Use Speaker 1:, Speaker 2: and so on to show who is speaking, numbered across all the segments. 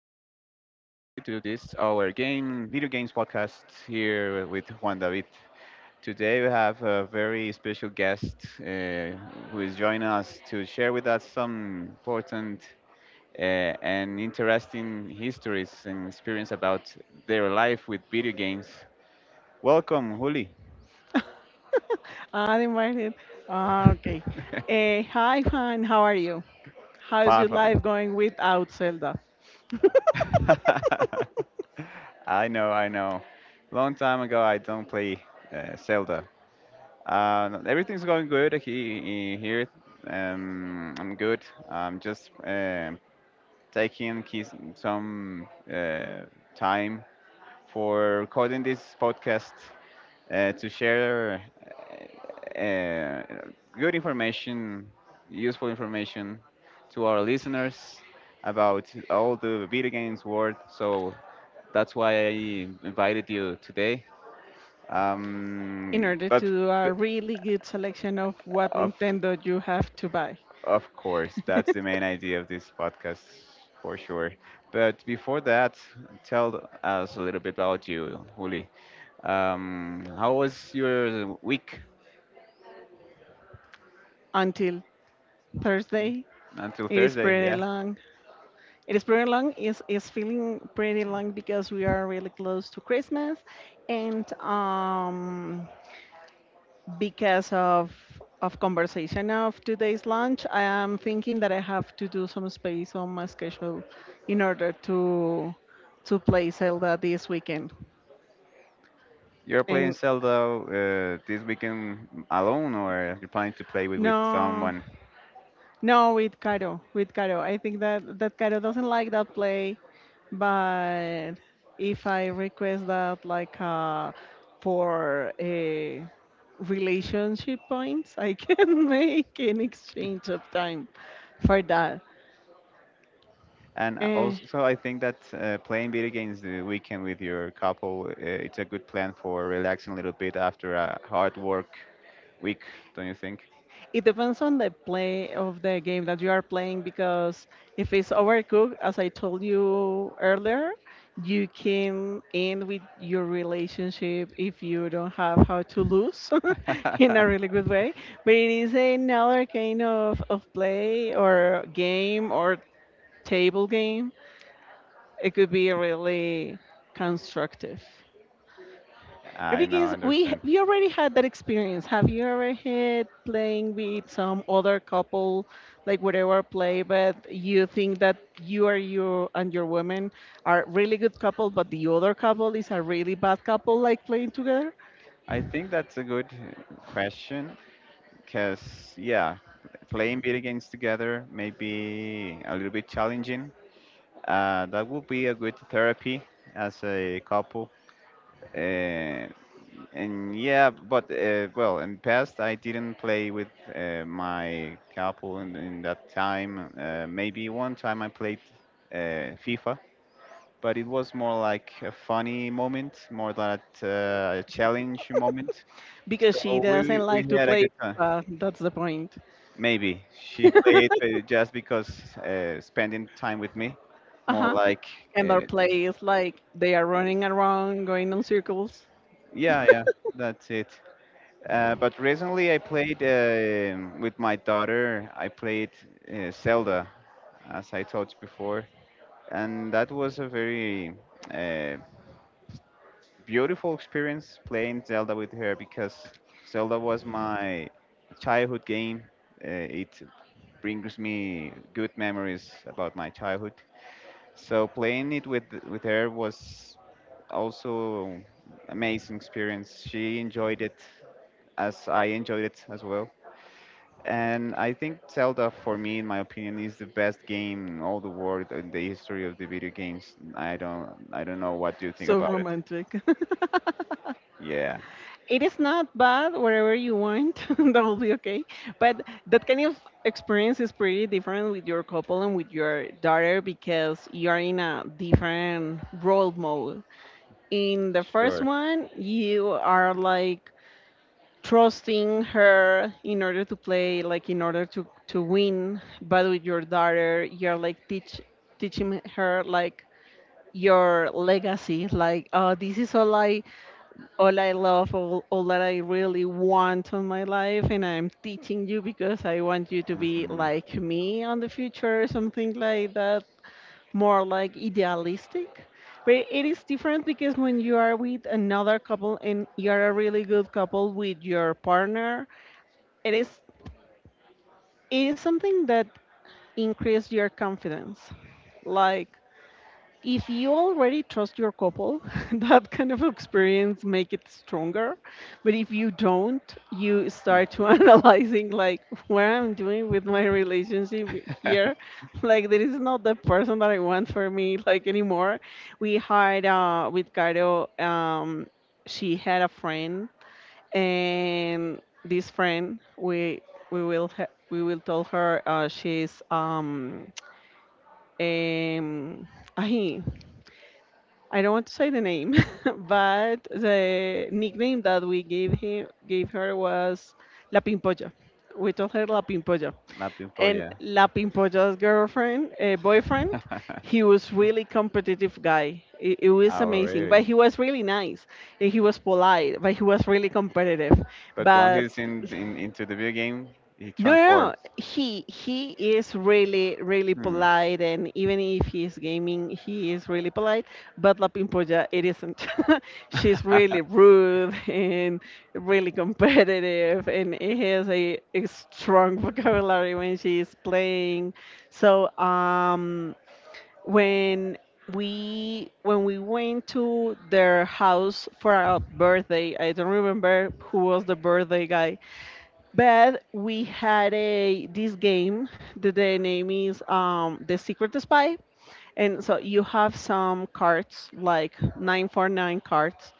Speaker 1: to this our game video games podcast here with Juan David. Today we have a very special guest who is joining us to share with us some important uh, and interesting histories and experience about their life with video games. Welcome, Juli.
Speaker 2: I invited. Ah, okay. Hi, Juan. How are you? How is
Speaker 1: Bye
Speaker 2: your
Speaker 1: bye.
Speaker 2: life going without Zelda?
Speaker 1: I know, I know. Long time ago, I don't play Zelda. No, everything's going good here. I'm good. I'm just taking keys, some time for recording this podcast to share uh, uh, good information, useful information to our listeners about all the video games world. So that's why I invited you today.
Speaker 2: In order to
Speaker 1: But
Speaker 2: do a really good selection of what
Speaker 1: of
Speaker 2: Nintendo you have to buy
Speaker 1: of course, that's the main idea of this podcast for sure. But before that, tell us a little bit about you, Juli. How was your week
Speaker 2: until Thursday,
Speaker 1: until
Speaker 2: it is
Speaker 1: Thursday?
Speaker 2: pretty
Speaker 1: Yeah,
Speaker 2: long. It is pretty long. It's feeling pretty long because we are really close to Christmas, and because of conversation of today's lunch, I am thinking that I have to do some space on my schedule in order to play Zelda this weekend.
Speaker 1: you're playing
Speaker 2: And
Speaker 1: Zelda this weekend alone, or you're planning to play with
Speaker 2: no,
Speaker 1: someone?
Speaker 2: no, with Caro, with Caro. I think that that Caro doesn't like that play, but if I request that like for a relationship points, I can make an exchange of time for that.
Speaker 1: And
Speaker 2: Eh,
Speaker 1: also, I think that playing video games the weekend with your couple, it's a good plan for relaxing a little bit after a hard work week, don't you think?
Speaker 2: It depends on the play of the game that you are playing because if it's overcooked, as I told you earlier, you can end with your relationship if you don't have how to lose in a really good way. But it is another kind of play or game or table game. It could be really constructive.
Speaker 1: I know,
Speaker 2: Because
Speaker 1: I
Speaker 2: we
Speaker 1: understand.
Speaker 2: we already had that experience. Have you ever had playing with some other couple, like whatever play, but you think that you are you and your woman are really good couple, but the other couple is a really bad couple, like playing together
Speaker 1: I think that's a good question because, yeah, playing video games together may be a little bit challenging. That would be a good therapy as a couple. Uh, and yeah, but well, in past I didn't play with my couple in that time. Maybe one time I played FIFA, but it was more like a funny moment, more than a challenge moment.
Speaker 2: because she
Speaker 1: So
Speaker 2: doesn't
Speaker 1: we
Speaker 2: like to
Speaker 1: had a
Speaker 2: play.
Speaker 1: good time.
Speaker 2: That's the point.
Speaker 1: Maybe she played just because spending time with me,
Speaker 2: Uh
Speaker 1: more
Speaker 2: huh.
Speaker 1: like
Speaker 2: And their
Speaker 1: uh,
Speaker 2: play is like they are running around, going in circles.
Speaker 1: yeah, yeah, that's it. But recently I played with my daughter. I played Zelda, as I told you before, and that was a very uh, beautiful experience playing Zelda with her because Zelda was my childhood game. It brings me good memories about my childhood. So playing it with her was also amazing experience. She enjoyed it as I enjoyed it as well. And I think Zelda, for me, in my opinion, is the best game in all the world in the history of the video games. I don't know what you think
Speaker 2: So
Speaker 1: about it.
Speaker 2: romantic.
Speaker 1: Yeah,
Speaker 2: It is not bad wherever you want. That will be okay. But that kind of experience is pretty different with your couple and with your daughter because you are in a different role mode. In the first
Speaker 1: sure.
Speaker 2: one, you are like trusting her in order to play, like in order to win. But with your daughter, you're like teaching her like your legacy, like oh, this is all I love, all that I really want on my life, and I'm teaching you because I want you to be
Speaker 1: hmm
Speaker 2: like me on the future, something like that, more like idealistic. But it is different because when you are with another couple and you're a really good couple with your partner, it is it is something that increases your confidence. Like if you already trust your couple, that kind of experience make it stronger, but if you don't, you start to analyzing like what I'm doing with my relationship here, like there is not the person that I want for me, like anymore. We had with Caro. She had a friend, and this friend, we will tell her. Um ahi, I don't want to say the name, but the nickname that we gave her was La Pimpolla. We told her La Pimpolla.
Speaker 1: Napping
Speaker 2: And
Speaker 1: Polla.
Speaker 2: La Pimpolla's girlfriend, boyfriend, he was really competitive guy. It was
Speaker 1: Oh,
Speaker 2: amazing, but
Speaker 1: really?
Speaker 2: he was really nice. And he was polite, but he was really competitive.
Speaker 1: But when
Speaker 2: But
Speaker 1: he's in into the video game, he
Speaker 2: no, no, no.
Speaker 1: transforms.
Speaker 2: He is really really
Speaker 1: Hmm.
Speaker 2: polite, and even if he's gaming, he is really polite. But La Pimpolla, it isn't. She's really rude and really competitive, and it has a strong vocabulary when she's playing. So when we went to their house for our birthday, I don't remember who was the birthday guy, but we had a this game that the name is The Secret Spy. And so you have some cards, like nine for nine cards,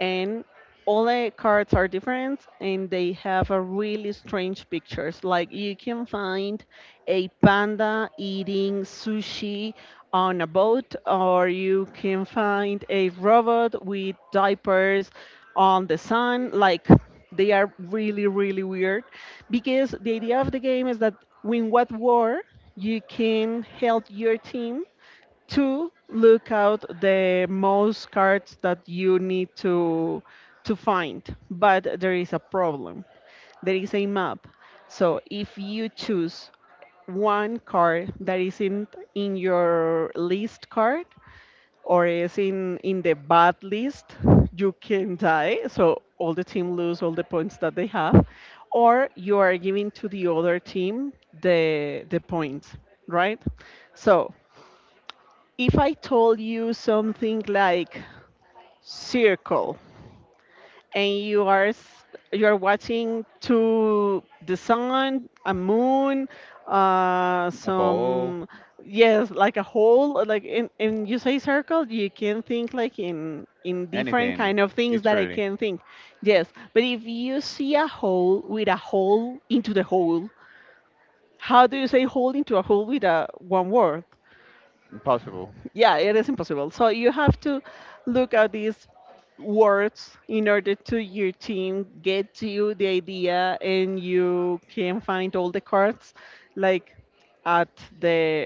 Speaker 2: and all the cards are different and they have a really strange pictures. Like you can find a panda eating sushi on a boat, or you can find a robot with diapers on the sun. Like they are really, really weird because the idea of the game is that win what war you can help your team to look out the most cards that you need to find. But there is a problem. There is a map. So if you choose one card that isn't in your list card, or is in the bad list, you can die. So all the team lose all the points that they have, or you are giving to the other team the points, right? So if I told you something like circle, and you are watching to the sun, a moon,
Speaker 1: A ball,
Speaker 2: some, yes, like a whole, like in, and you say circle, you can think like in different
Speaker 1: anything.
Speaker 2: kind of things that I
Speaker 1: Literally
Speaker 2: can think. Yes, but if you see a hole with a hole into the hole, how do you say hole into a hole with a one word?
Speaker 1: impossible.
Speaker 2: Yeah, it is impossible. So you have to look at these words in order to your team get you the idea and you can find all the cards like at the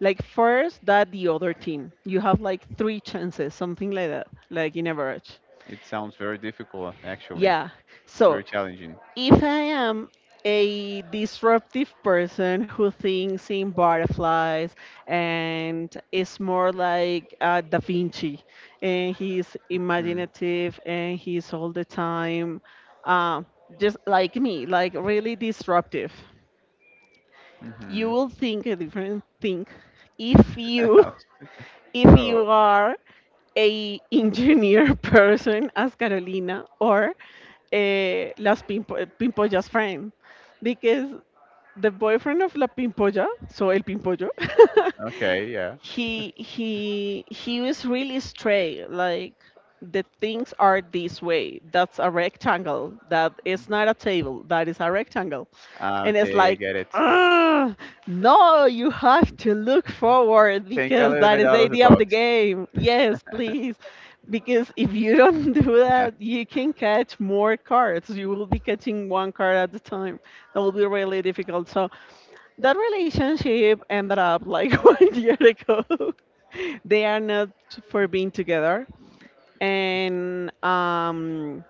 Speaker 2: like first that the other team. You have like three chances, something like that, like in average.
Speaker 1: It sounds very difficult, actually,
Speaker 2: Yeah. So
Speaker 1: very challenging.
Speaker 2: if I am a disruptive person who thinks in butterflies and is more like Da Vinci, and he's
Speaker 1: Hmm.
Speaker 2: imaginative and he's all the time uh, just like me, like really disruptive, you
Speaker 1: hmm
Speaker 2: will think a different thing if you if
Speaker 1: so,
Speaker 2: you are a engineer person as Carolina or Pimpolla's friend, because the boyfriend of La Pimpolla, so El Pimpollo,
Speaker 1: okay, yeah,
Speaker 2: he was really straight. Like the things are this way. That's a rectangle. That is not a table. That is a rectangle,
Speaker 1: Ah,
Speaker 2: and it's
Speaker 1: okay, I
Speaker 2: like,
Speaker 1: get it.
Speaker 2: "Ugh, no, you have to look forward
Speaker 1: Think a
Speaker 2: because
Speaker 1: little
Speaker 2: that
Speaker 1: bit
Speaker 2: is the
Speaker 1: out of the
Speaker 2: idea of the
Speaker 1: box.
Speaker 2: game. Yes, please." Because if you don't do that, you can catch more cards. You will be catching one card at a time, that would be really difficult. So that relationship ended up like one year ago. They are not for being together. And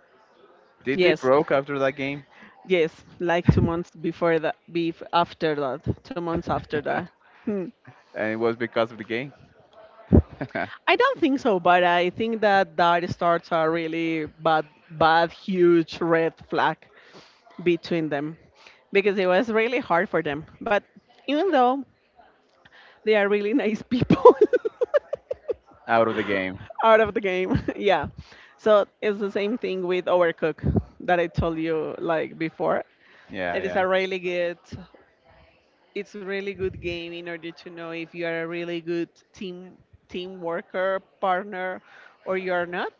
Speaker 1: Did they
Speaker 2: yes,
Speaker 1: broke after that game?
Speaker 2: yes, like 2 months before that, bef after that. 2 months after that. Hmm.
Speaker 1: And it was because of the game.
Speaker 2: I don't think so, but I think that that starts a really bad huge red flag between them because it was really hard for them. But even though, they are really nice people.
Speaker 1: Out of the game.
Speaker 2: Out of the game. Yeah. So it's the same thing with Overcook that I told you like before.
Speaker 1: Yeah,
Speaker 2: It is
Speaker 1: yeah.
Speaker 2: a really good it's really good game in order to know if you are a really good team worker, partner, or you are not.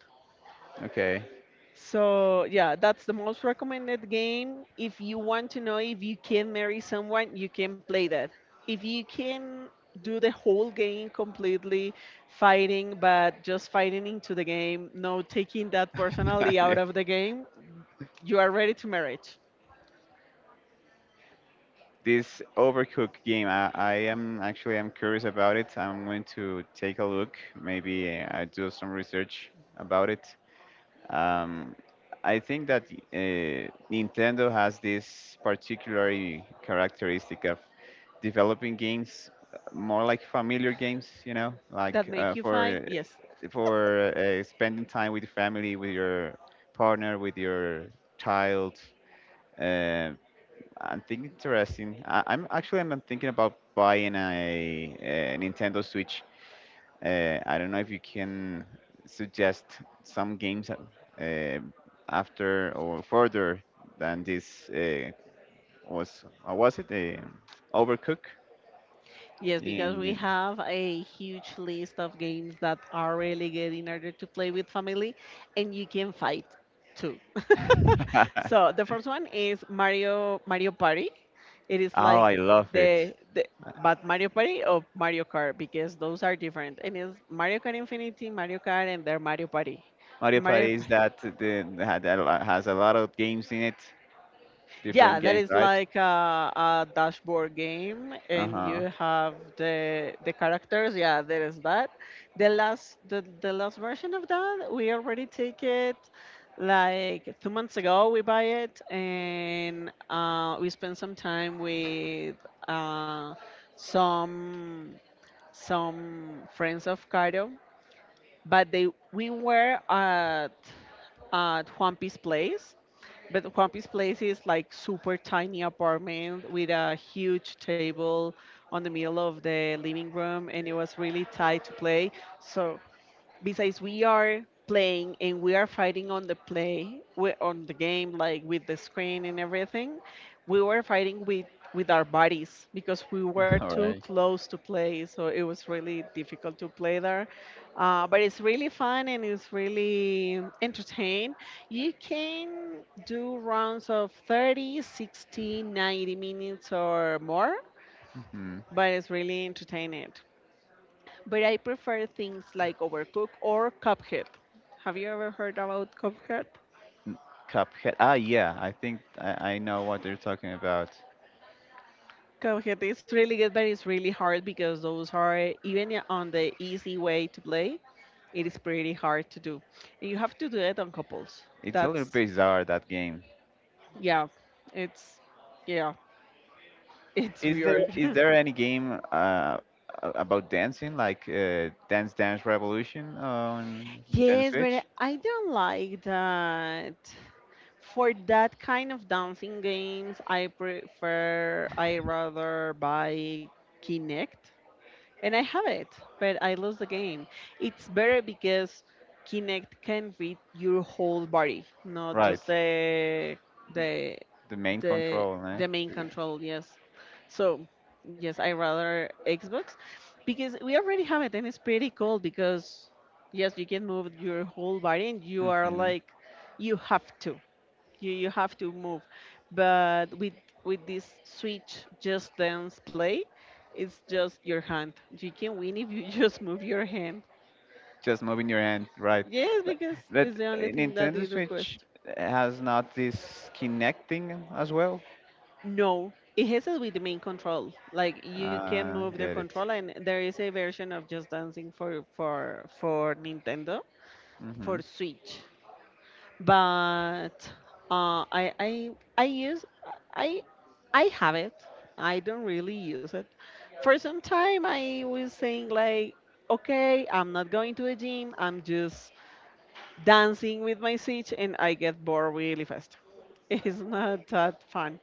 Speaker 1: Okay.
Speaker 2: So yeah, that's the most recommended game. If you want to know if you can marry someone, you can play that. If you can do the whole game completely fighting, but just fighting into the game, no taking that personally
Speaker 1: Yeah.
Speaker 2: out of the game, you are ready to marriage.
Speaker 1: This Overcooked game. I am actually I'm curious about it. I'm going to take a look. Maybe I do some research about it. Um, I think that Nintendo has this particular characteristic of developing games more like familiar games. You know,
Speaker 2: That
Speaker 1: like
Speaker 2: make you fight? Yes.
Speaker 1: for spending time with your family, with your partner, with your child. Uh, I'm thinking interesting. I'm actually I'm thinking about buying a Nintendo Switch. I don't know if you can suggest some games after or further than this was what was it? Overcook
Speaker 2: Yes, because we
Speaker 1: in
Speaker 2: have a huge list of games that are really good in order to play with family and you can fight too. So the first one is Mario Party. It is
Speaker 1: Oh, I
Speaker 2: like
Speaker 1: love it.
Speaker 2: the
Speaker 1: Uh,
Speaker 2: but Mario Party or Mario Kart, because those are different. And it's Mario Kart Infinity, Mario Kart, and their Mario Party.
Speaker 1: Mario
Speaker 2: Mario
Speaker 1: Party is that the has a lot of games in it, different
Speaker 2: Yeah, that
Speaker 1: games,
Speaker 2: is
Speaker 1: right?
Speaker 2: like a dashboard game, and you
Speaker 1: Uh-huh.
Speaker 2: have the characters. Yeah, there is that. The last version of that, we already take it like 2 months ago. We buy it, and we spend some time with uh, some some friends of Cairo, but they we were at Juan Piece Place, but Juanpi's place is like super tiny apartment with a huge table on the middle of the living room, and it was really tight to play. So besides we are playing and we are fighting on the play we on the game, like with the screen and everything, we were fighting with our bodies because we were
Speaker 1: All
Speaker 2: too
Speaker 1: right.
Speaker 2: close to play, so it was really difficult to play there. But it's really fun and it's really entertaining. You can do rounds of 30, 60, 90 minutes or more,
Speaker 1: Mm-hmm.
Speaker 2: but it's really entertaining. But I prefer things like Overcooked or Cuphead. Have you ever heard about Cuphead?
Speaker 1: N- Cuphead. Ah, yeah, I think I know what you're talking about.
Speaker 2: Cuphead is really good, but it's really hard because those are even on the easy way to play. It is pretty hard to do. And you have to do it on couples.
Speaker 1: It's a little
Speaker 2: That's
Speaker 1: bizarre that game.
Speaker 2: Yeah, it's yeah, it's
Speaker 1: Is there
Speaker 2: weird.
Speaker 1: is there any game about dancing like Dance Dance Revolution on Nintendo
Speaker 2: Yes, but
Speaker 1: Switch?
Speaker 2: I don't like that. For that kind of dancing games, I rather buy Kinect, and I have it, but I lose the game. It's better because Kinect can read your whole body, not
Speaker 1: Right,
Speaker 2: just the
Speaker 1: the main
Speaker 2: the
Speaker 1: control, eh?
Speaker 2: the main control. Yes, so yes, I rather Xbox because we already have it, and it's pretty cool because yes, you can move your whole body, and you are
Speaker 1: hmm
Speaker 2: like you have to you have to move but with this switch just dance play it's just your hand. You can win if you just move your hand,
Speaker 1: Just moving your hand, right?
Speaker 2: yes,
Speaker 1: But,
Speaker 2: because
Speaker 1: but
Speaker 2: it's the
Speaker 1: uh,
Speaker 2: only thing that they
Speaker 1: Nintendo Switch
Speaker 2: request.
Speaker 1: has not this connecting as well.
Speaker 2: No, it has it with the main control. Like you can move the
Speaker 1: Get
Speaker 2: control
Speaker 1: it.
Speaker 2: and there is a version of just dancing for for nintendo
Speaker 1: Mm-hmm.
Speaker 2: for switch. But uh, I I I use, I I have it. I don't really use it. For some time, I was saying like, okay, I'm not going to the gym. I'm just dancing with my switch, and I get bored really fast. It's not that fun.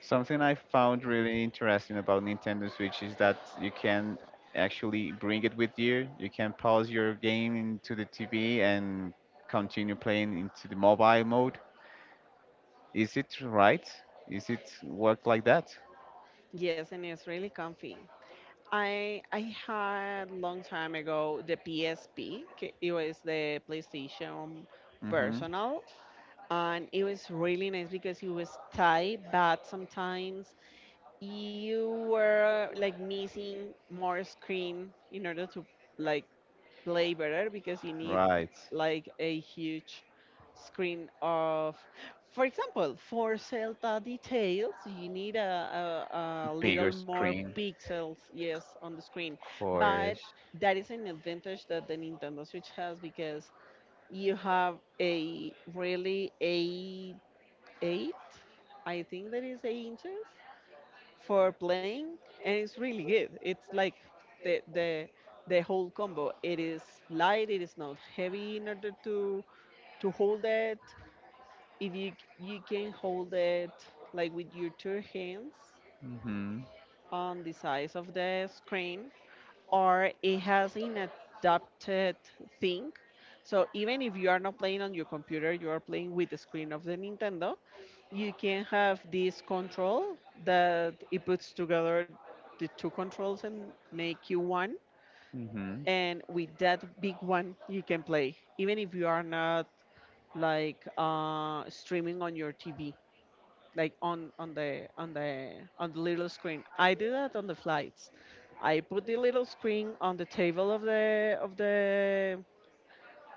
Speaker 1: Something I found really interesting about Nintendo Switch is that you can actually bring it with you. You can pause your game into the TV and continue playing into the mobile mode. Is it right? Is it work like that?
Speaker 2: Yes, and it's really comfy. I had long time ago the PSP. K- It was the PlayStation
Speaker 1: Mm-hmm.
Speaker 2: Personal, and it was really nice because it was tight, but sometimes you were like missing more screen in order to like play better because you need
Speaker 1: Right.
Speaker 2: like a huge screen of, for example, for Zelda details you need a little
Speaker 1: Bigger
Speaker 2: more
Speaker 1: screen,
Speaker 2: pixels, yes, on the screen.
Speaker 1: of
Speaker 2: But
Speaker 1: course.
Speaker 2: that is an advantage that the nintendo switch has because you have a really a eight, I think that is 8 inches for playing, and it's really good. It's like the the whole combo. It is light. It is not heavy in order to hold it. If you you can hold it like with your two hands
Speaker 1: Mm-hmm.
Speaker 2: on the sides of the screen, or it has an adapted thing. So even if you are not playing on your computer, you are playing with the screen of the Nintendo, you can have this control that it puts together the two controls and make you one.
Speaker 1: Mm-hmm.
Speaker 2: And with that big one, you can play, even if you are not like streaming on your TV, like on the on the on the little screen. I do that on the flights. I put the little screen on the table of the of the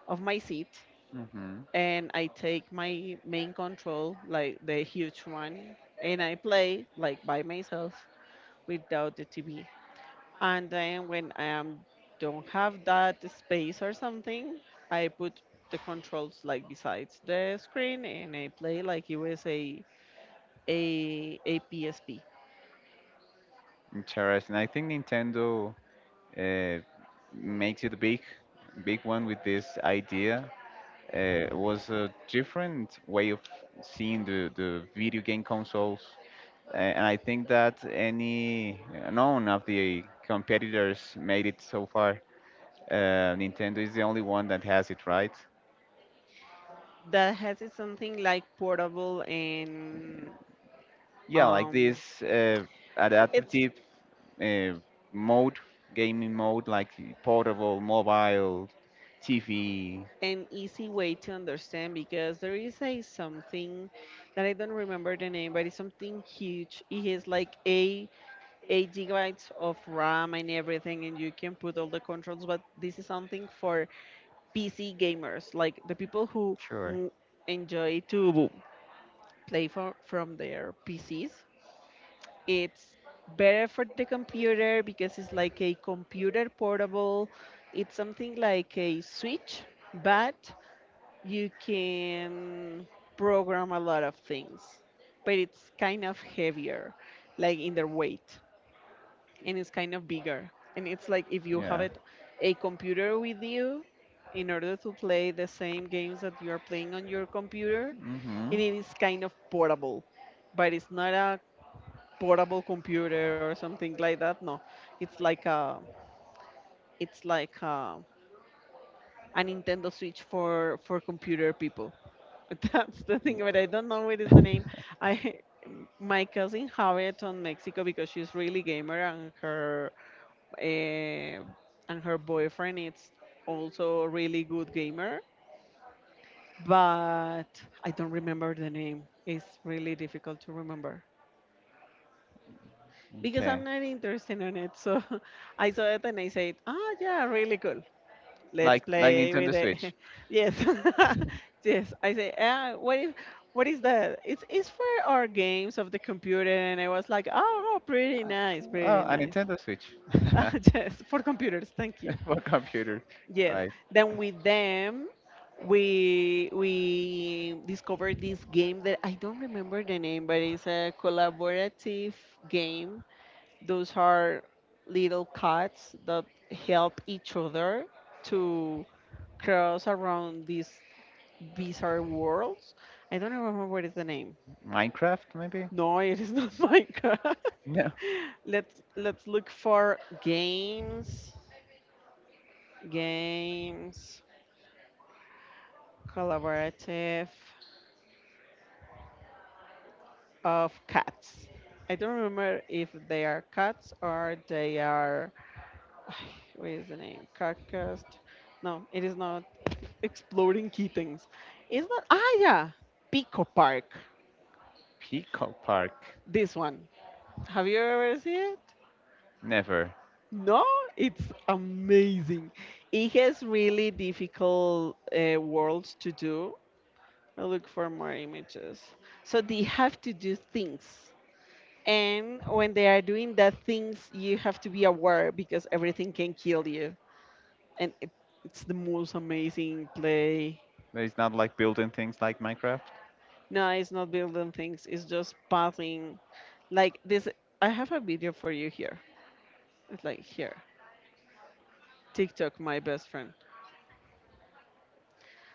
Speaker 2: of my seat
Speaker 1: Mm-hmm.
Speaker 2: and I take my main control, like the huge one, and I play like by myself without the TV. And then when I am don't have that space or something, I put the controls like besides the screen and I play like it was a a PSP.
Speaker 1: Interesting. I think Nintendo uh, makes it a big, big one with this idea was a different way of seeing the video game consoles. And I think that any none of the competitors made it so far. Nintendo is the only one that has it, right?
Speaker 2: That has it something like portable and
Speaker 1: Yeah, like
Speaker 2: um
Speaker 1: this
Speaker 2: it's
Speaker 1: adaptive uh, mode, gaming mode, like portable, mobile, TV.
Speaker 2: an easy way to understand because there is a something that I don't remember the name, but it's something huge. It has like a 8 gigabytes of RAM and everything, and you can put all the controls. But this is something for PC gamers, like the people who
Speaker 1: Sure.
Speaker 2: w- enjoy to play for, from their PCs. It's better for the computer because it's like a computer portable. It's something like a switch, but you can program a lot of things. But it's kind of heavier, like in their weight, and it's kind of bigger. And it's like if you have
Speaker 1: Yeah.
Speaker 2: it, a computer with you in order to play the same games that you are playing on your computer, and
Speaker 1: Mhm.
Speaker 2: it is kind of portable but it's not a portable computer or something like that. No, it's like a it's like a Nintendo Switch for computer people. That's the thing, but I don't know what is the name. I my cousin have it on Mexico because she's really gamer uh, and her boyfriend is also a really good gamer, but I don't remember the name. It's really difficult to remember, because
Speaker 1: Okay.
Speaker 2: I'm not interested in it. So I saw it and I said, "Ah, yeah, really cool. Let's
Speaker 1: Like
Speaker 2: play with
Speaker 1: Nintendo
Speaker 2: it."
Speaker 1: Switch.
Speaker 2: Yes, yes. I say, what is that?" It's for our games of the computer, and I was like, "Oh, oh, pretty nice, pretty
Speaker 1: Oh, a
Speaker 2: nice."
Speaker 1: Nintendo Switch.
Speaker 2: Ah, yes, for computers. Thank you.
Speaker 1: What computer?
Speaker 2: Yes.
Speaker 1: Right.
Speaker 2: Then with them, we discovered this game that I don't remember the name, but it's a collaborative game. Those are little cats that help each other to cross around these bizarre worlds. I don't remember what is the name.
Speaker 1: Minecraft, maybe?
Speaker 2: No, it is not Minecraft.
Speaker 1: No.
Speaker 2: Let's look for games, games, collaborative of cats. I don't remember if they are cats or they are. What is the name? Carcast. No, it is not exploring key things. Is that ah yeah, Pico Park.
Speaker 1: Pico Park.
Speaker 2: This one. Have you ever seen it?
Speaker 1: Never.
Speaker 2: No, it's amazing. It has really difficult worlds to do. I'll look for more images. So they have to do things. And when they are doing the things, you have to be aware because everything can kill you. And it, it's the most amazing play.
Speaker 1: It's not like building things like Minecraft.
Speaker 2: No, it's not building things. It's just passing. Like this, I have a video for you here. It's like here, TikTok, my best friend.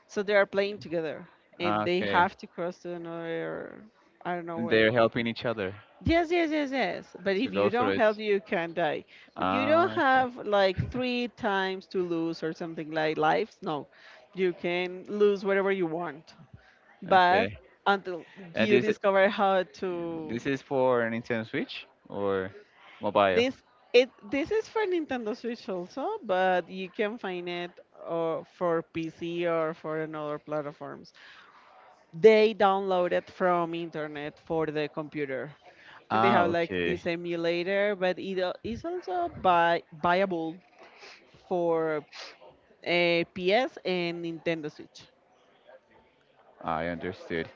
Speaker 2: So they are playing together, and
Speaker 1: Ah,
Speaker 2: they
Speaker 1: okay.
Speaker 2: have to cross to another. I don't know
Speaker 1: And
Speaker 2: where.
Speaker 1: they're helping each other
Speaker 2: Yes, yes, yes, yes. But
Speaker 1: to
Speaker 2: if you
Speaker 1: go through
Speaker 2: don't help,
Speaker 1: it.
Speaker 2: you can die. But you don't
Speaker 1: Ah,
Speaker 2: have like three times to lose or something like lives. No, you can lose whatever you want. But
Speaker 1: okay.
Speaker 2: until
Speaker 1: And
Speaker 2: you
Speaker 1: this
Speaker 2: discover how to.
Speaker 1: this is for Nintendo Switch or mobile?
Speaker 2: This it this is for Nintendo Switch also, but you can find it for PC or for another platforms. They download it from internet for the computer, and they
Speaker 1: Ah,
Speaker 2: have like
Speaker 1: okay.
Speaker 2: this emulator, but it al- is also buy, buyable for PS and Nintendo Switch.
Speaker 1: I understood.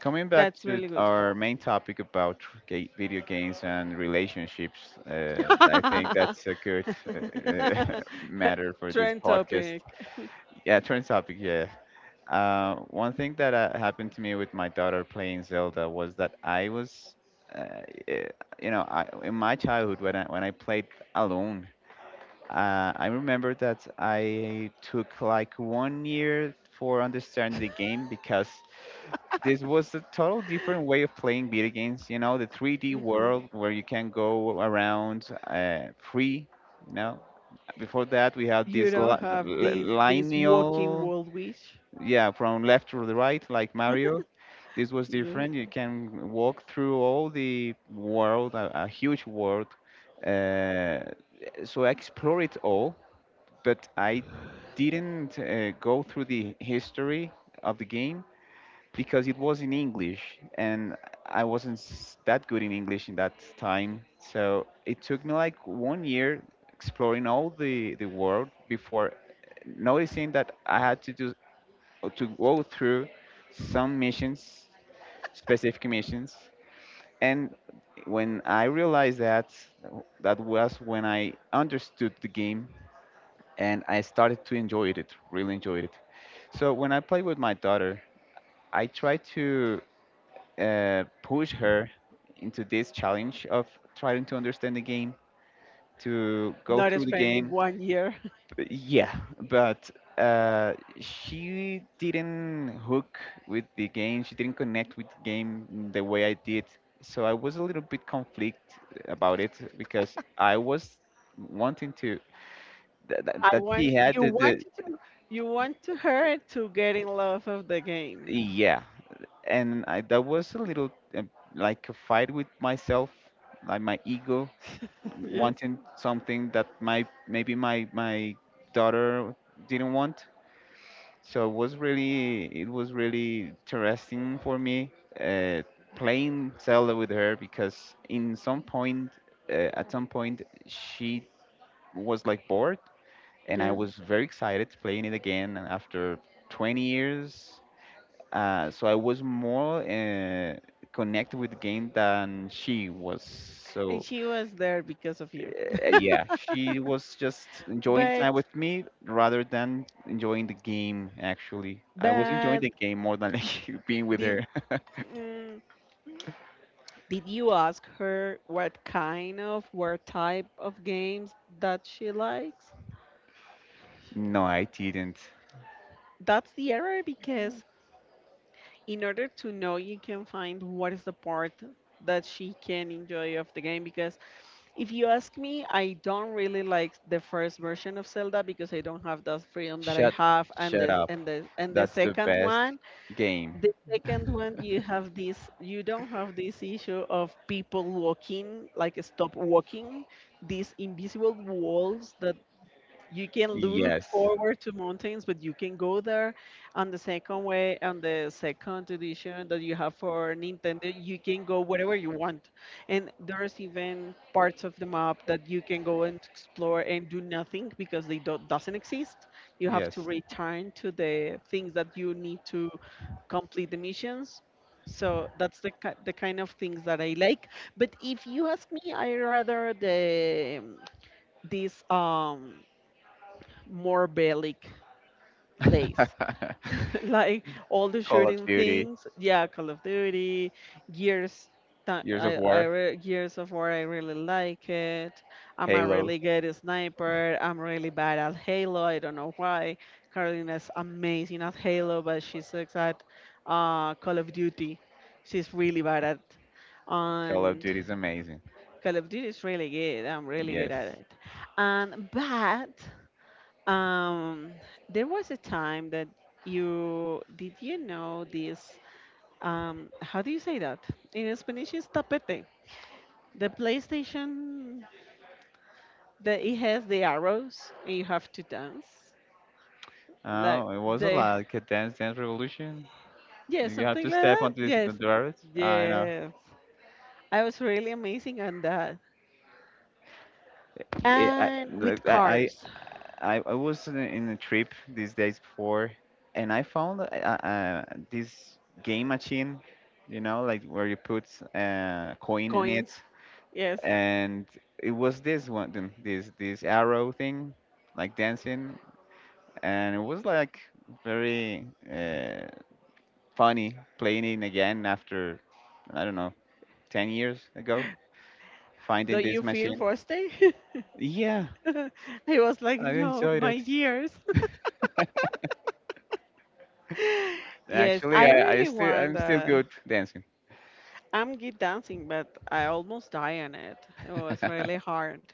Speaker 1: Coming back
Speaker 2: That's
Speaker 1: to
Speaker 2: really good.
Speaker 1: our main topic about video games and relationships, I think that's a good uh, matter for this
Speaker 2: Trend
Speaker 1: podcast.
Speaker 2: topic.
Speaker 1: Yeah, trend topic. Yeah. One thing that happened to me with my daughter playing Zelda was that I was, uh, eh, you know, in my childhood when I played alone, I remember that I took like 1 year for understanding the game because this was a total different way of playing video games. You know, the 3D
Speaker 2: Mhm.
Speaker 1: world where you can go around free. You know, before that we had
Speaker 2: You
Speaker 1: this
Speaker 2: don't have this this walking
Speaker 1: lineal
Speaker 2: world wish.
Speaker 1: yeah, from left to the right, like Mario. This was
Speaker 2: Mm,
Speaker 1: different. You can walk through all the world, a huge world. Uh, so I explore it all, but I didn't go through the history of the game because it was in English and I wasn't that good in English in that time. So it took me like 1 year exploring all the world before noticing that I had to go through some missions, specific missions. And when I realized that, that was when I understood the game and I started to enjoy it, really enjoyed it. So when I play with my daughter, I try to push her into this challenge of trying to understand the game, to go
Speaker 2: not
Speaker 1: through the
Speaker 2: spending
Speaker 1: game.
Speaker 2: one year.
Speaker 1: Yeah, but uh, she didn't hook with the game. She didn't connect with the game in the way I did. So I was a little bit conflict about it because I was wanting to
Speaker 2: I
Speaker 1: that
Speaker 2: want
Speaker 1: she had the
Speaker 2: you want to her to get in love of the game.
Speaker 1: yeah, and that was a little uh, like a fight with myself, like my ego
Speaker 2: Yes,
Speaker 1: wanting something that my maybe my my daughter didn't want. So it was really interesting for me uh, playing Zelda with her because in some point at some point she was like bored and I
Speaker 2: yes.
Speaker 1: was very excited playing it again after 20 years so I was more connected with the game than she was.
Speaker 2: And
Speaker 1: So
Speaker 2: she was there because of you.
Speaker 1: yeah, she was just enjoying
Speaker 2: But
Speaker 1: time with me rather than enjoying the game, actually. I was enjoying
Speaker 2: but
Speaker 1: the game more than like being with
Speaker 2: did
Speaker 1: her.
Speaker 2: mm, did you ask her what kind of what type of games that she likes?
Speaker 1: No, I didn't.
Speaker 2: That's the error because in order to know you can find what is the part that she can enjoy of the game because if you ask me, I don't really like the first version of Zelda because I don't have that freedom that I
Speaker 1: Shut
Speaker 2: have, and
Speaker 1: shut
Speaker 2: the
Speaker 1: up.
Speaker 2: and the
Speaker 1: That's the
Speaker 2: second
Speaker 1: best
Speaker 2: one,
Speaker 1: game.
Speaker 2: the second one, you have this, you don't have this issue of people walking, like stop walking, these invisible walls that you can look
Speaker 1: Yes.
Speaker 2: forward to mountains, but you can go there. On the second way, on the second edition that you have for Nintendo, you can go wherever you want. And there's even parts of the map that you can go and explore and do nothing because they don't doesn't exist. You have to
Speaker 1: Yes.
Speaker 2: return to the things that you need to complete the missions. So that's the ki- the kind of things that I like. But if you ask me, I rather the this more bellic place. Like all the
Speaker 1: Call of
Speaker 2: shooting
Speaker 1: Duty,
Speaker 2: things, yeah, Call of Duty, Gears. Tha-
Speaker 1: Years of
Speaker 2: I
Speaker 1: War,
Speaker 2: re- Gears of War, I really like it. I'm a really
Speaker 1: Halo.
Speaker 2: good sniper. I'm really bad at Halo. I don't know why. Carolina's amazing at Halo, but she sucks at Call of Duty. She's really bad at,
Speaker 1: Call of
Speaker 2: and
Speaker 1: Duty is amazing.
Speaker 2: Call of Duty is really good. I'm really good
Speaker 1: Yes.
Speaker 2: at it. And but um, there was a time that you did you know this? How do you say that in Spanish? It's tapete. The PlayStation that it has the arrows and you have to dance like
Speaker 1: Oh, it was a
Speaker 2: the
Speaker 1: lot. Like a Dance Dance Revolution.
Speaker 2: yeah
Speaker 1: Like you have
Speaker 2: something
Speaker 1: to
Speaker 2: like
Speaker 1: step
Speaker 2: that.
Speaker 1: onto this
Speaker 2: Yes,
Speaker 1: rabbit. I know.
Speaker 2: yes. I was really amazing on that.
Speaker 1: Yeah, I,
Speaker 2: And with
Speaker 1: like,
Speaker 2: cars,
Speaker 1: I was in a trip these days before, and I found this game machine, you know, like where you put coin in it,
Speaker 2: coins. Yes.
Speaker 1: and it was this one, this arrow thing, like dancing, and it was like very uh, funny playing it again after, I don't know, 10 years ago, finding
Speaker 2: Don't
Speaker 1: this
Speaker 2: you feel
Speaker 1: machine.
Speaker 2: frosty?
Speaker 1: Yeah,
Speaker 2: I was like,
Speaker 1: I
Speaker 2: no,
Speaker 1: enjoyed
Speaker 2: my
Speaker 1: it.
Speaker 2: years. Yes,
Speaker 1: Actually,
Speaker 2: I
Speaker 1: I
Speaker 2: really
Speaker 1: still
Speaker 2: want
Speaker 1: I'm still
Speaker 2: that.
Speaker 1: good dancing.
Speaker 2: I'm good dancing, but I almost die on it. It was really hard.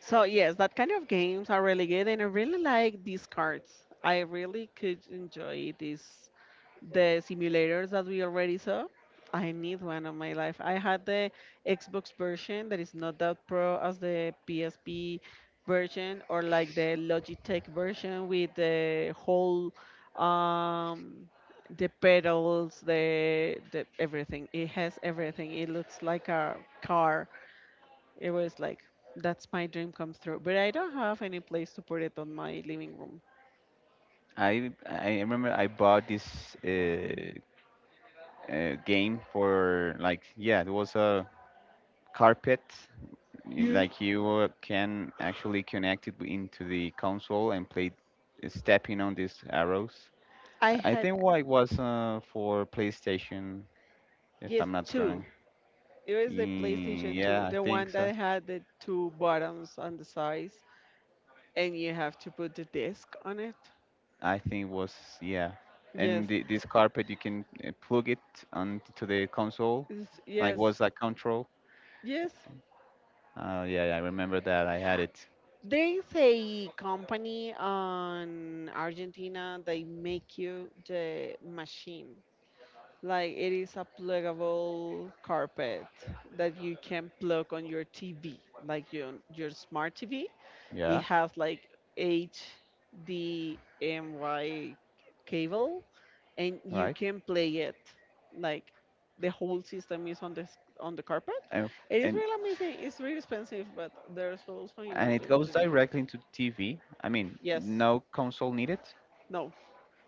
Speaker 2: So yes, that kind of games are really good, and I really like these cards. I really could enjoy this the simulators that we already saw. I need one on my life. I had the Xbox version that is not that pro as the PSP version or like the Logitech version with the whole um the pedals, the everything. It has everything. It looks like a car. It was like that's my dream come true. But I don't have any place to put it on my living room.
Speaker 1: I remember I bought this game for like yeah, it was a carpet.
Speaker 2: Yeah.
Speaker 1: Like you can actually connect it into the console and play stepping on these arrows.
Speaker 2: I
Speaker 1: I
Speaker 2: had
Speaker 1: think what it was for PlayStation, if
Speaker 2: yes
Speaker 1: I'm not wrong.
Speaker 2: two. It was the
Speaker 1: Mm,
Speaker 2: PlayStation
Speaker 1: yeah,
Speaker 2: 2,
Speaker 1: I
Speaker 2: the
Speaker 1: think
Speaker 2: one
Speaker 1: so.
Speaker 2: that had the two buttons on the sides, and you have to put the disc on it.
Speaker 1: I think it was yeah, and
Speaker 2: Yes,
Speaker 1: the, this carpet you can plug it onto the console,
Speaker 2: it's-
Speaker 1: like was
Speaker 2: yes,
Speaker 1: like control.
Speaker 2: yes.
Speaker 1: Yeah, yeah, I remember that. I had it.
Speaker 2: There is a company on Argentina. They make you the machine. Like it is a pluggable carpet that you can plug on your TV, like your smart TV. It
Speaker 1: Yeah,
Speaker 2: has like HDMI cable and you
Speaker 1: right.
Speaker 2: can play it like the whole system is on this on the carpet.
Speaker 1: And f-
Speaker 2: It is really amazing. It's really expensive, but there's also in
Speaker 1: and it goes
Speaker 2: Argentina.
Speaker 1: directly into TV. I mean,
Speaker 2: Yes,
Speaker 1: no console needed.
Speaker 2: no,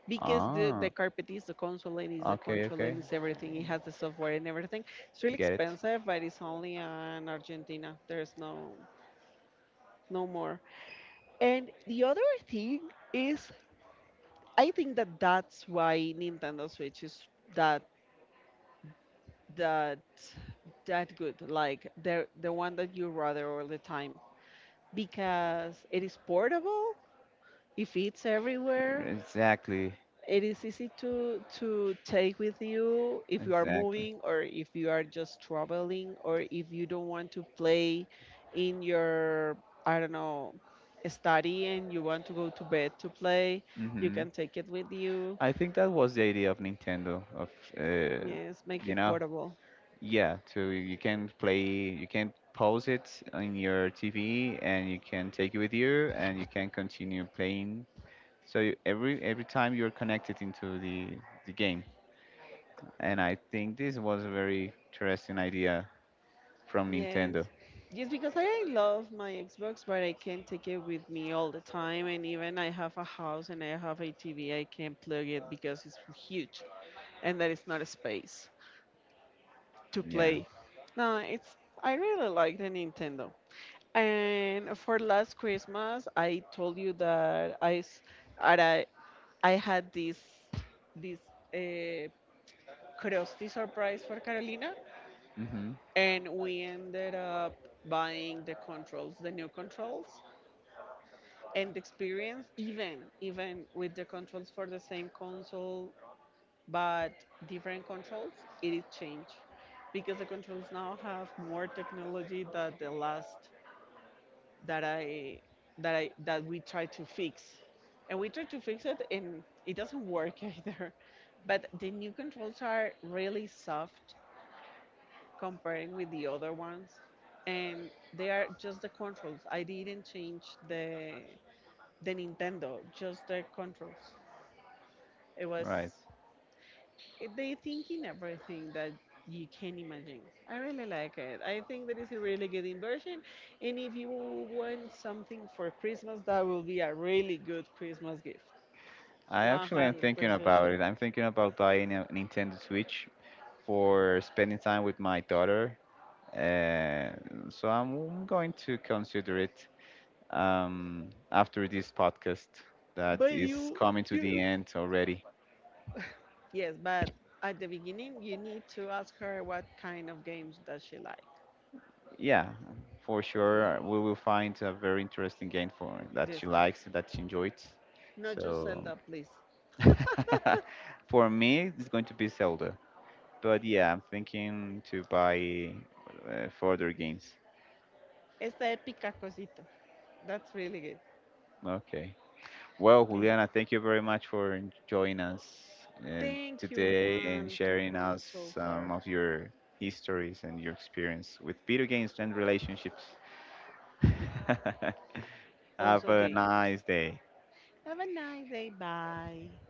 Speaker 2: because the
Speaker 1: Ah,
Speaker 2: carpet is the console and is the
Speaker 1: okay,
Speaker 2: control
Speaker 1: okay,
Speaker 2: and is everything. It has the software and everything. It's
Speaker 1: I
Speaker 2: really
Speaker 1: get it.
Speaker 2: expensive, but it's only in Argentina. There's no no more. And the other thing is, I think that that's why Nintendo Switch is that that that good, like the one that you rather all the time because it is portable, it fits everywhere,
Speaker 1: Exactly,
Speaker 2: it is easy to take with you if you are
Speaker 1: exactly.
Speaker 2: moving or if you are just traveling or if you don't want to play in your I don't know study and you want to go to bed to play, you
Speaker 1: Mm-hmm.
Speaker 2: can take it with you.
Speaker 1: I think that was the idea of Nintendo of uh,
Speaker 2: Yes, make
Speaker 1: you
Speaker 2: it
Speaker 1: know,
Speaker 2: portable.
Speaker 1: yeah, so you can play, you can pause it on your TV and you can take it with you and you can continue playing, so every every time you're connected into the game. And I think this was a very interesting idea from
Speaker 2: Yes.
Speaker 1: Nintendo.
Speaker 2: Yes, because I love my Xbox, but I can't take it with me all the time. And even I have a house and I have a TV, I can't plug it because it's huge and there is not a space to
Speaker 1: Yeah.
Speaker 2: play. No, it's I really like the Nintendo. And for last Christmas, I told you that I s- that I had this this uh, curiosity surprise for Carolina,
Speaker 1: Mhm.
Speaker 2: and we ended up buying the controls, the new controls, and experience even even with the controls for the same console but different controls, it is changed because the controls now have more technology than the last that I that we try to fix and we try to fix it and it doesn't work either. But the new controls are really soft comparing with the other ones, and they are just the controls. I didn't change the Nintendo, just the controls. It was
Speaker 1: Right.
Speaker 2: it- they think in everything that you can imagine. I really like it. I think that is a really good inversion. And if you want something for Christmas, that will be a really good Christmas gift.
Speaker 1: I actually am thinking
Speaker 2: 100%
Speaker 1: about
Speaker 2: sure.
Speaker 1: it. I'm thinking about buying a Nintendo Switch for spending time with my daughter. Uh, so I'm going to consider it um, after this podcast that
Speaker 2: But
Speaker 1: is
Speaker 2: you,
Speaker 1: coming to the
Speaker 2: you.
Speaker 1: end already.
Speaker 2: Yes, but at the beginning, you need to ask her what kind of games does she like.
Speaker 1: Yeah, for sure, we will find a very interesting game for that
Speaker 2: Just,
Speaker 1: she likes, that she enjoys.
Speaker 2: not just
Speaker 1: So
Speaker 2: Zelda, please.
Speaker 1: for me, it's going to be Zelda. But yeah, I'm thinking to buy further games.
Speaker 2: Esta épica cosita. That's really good.
Speaker 1: Okay. Well, Juliana, thank you very much for joining us uh,
Speaker 2: Thank you,
Speaker 1: today and
Speaker 2: Juan, to
Speaker 1: sharing
Speaker 2: come
Speaker 1: us
Speaker 2: so
Speaker 1: some
Speaker 2: far.
Speaker 1: of your histories and your experience with video games and relationships. Have
Speaker 2: Also,
Speaker 1: a
Speaker 2: games.
Speaker 1: nice day.
Speaker 2: Have a nice day. Bye.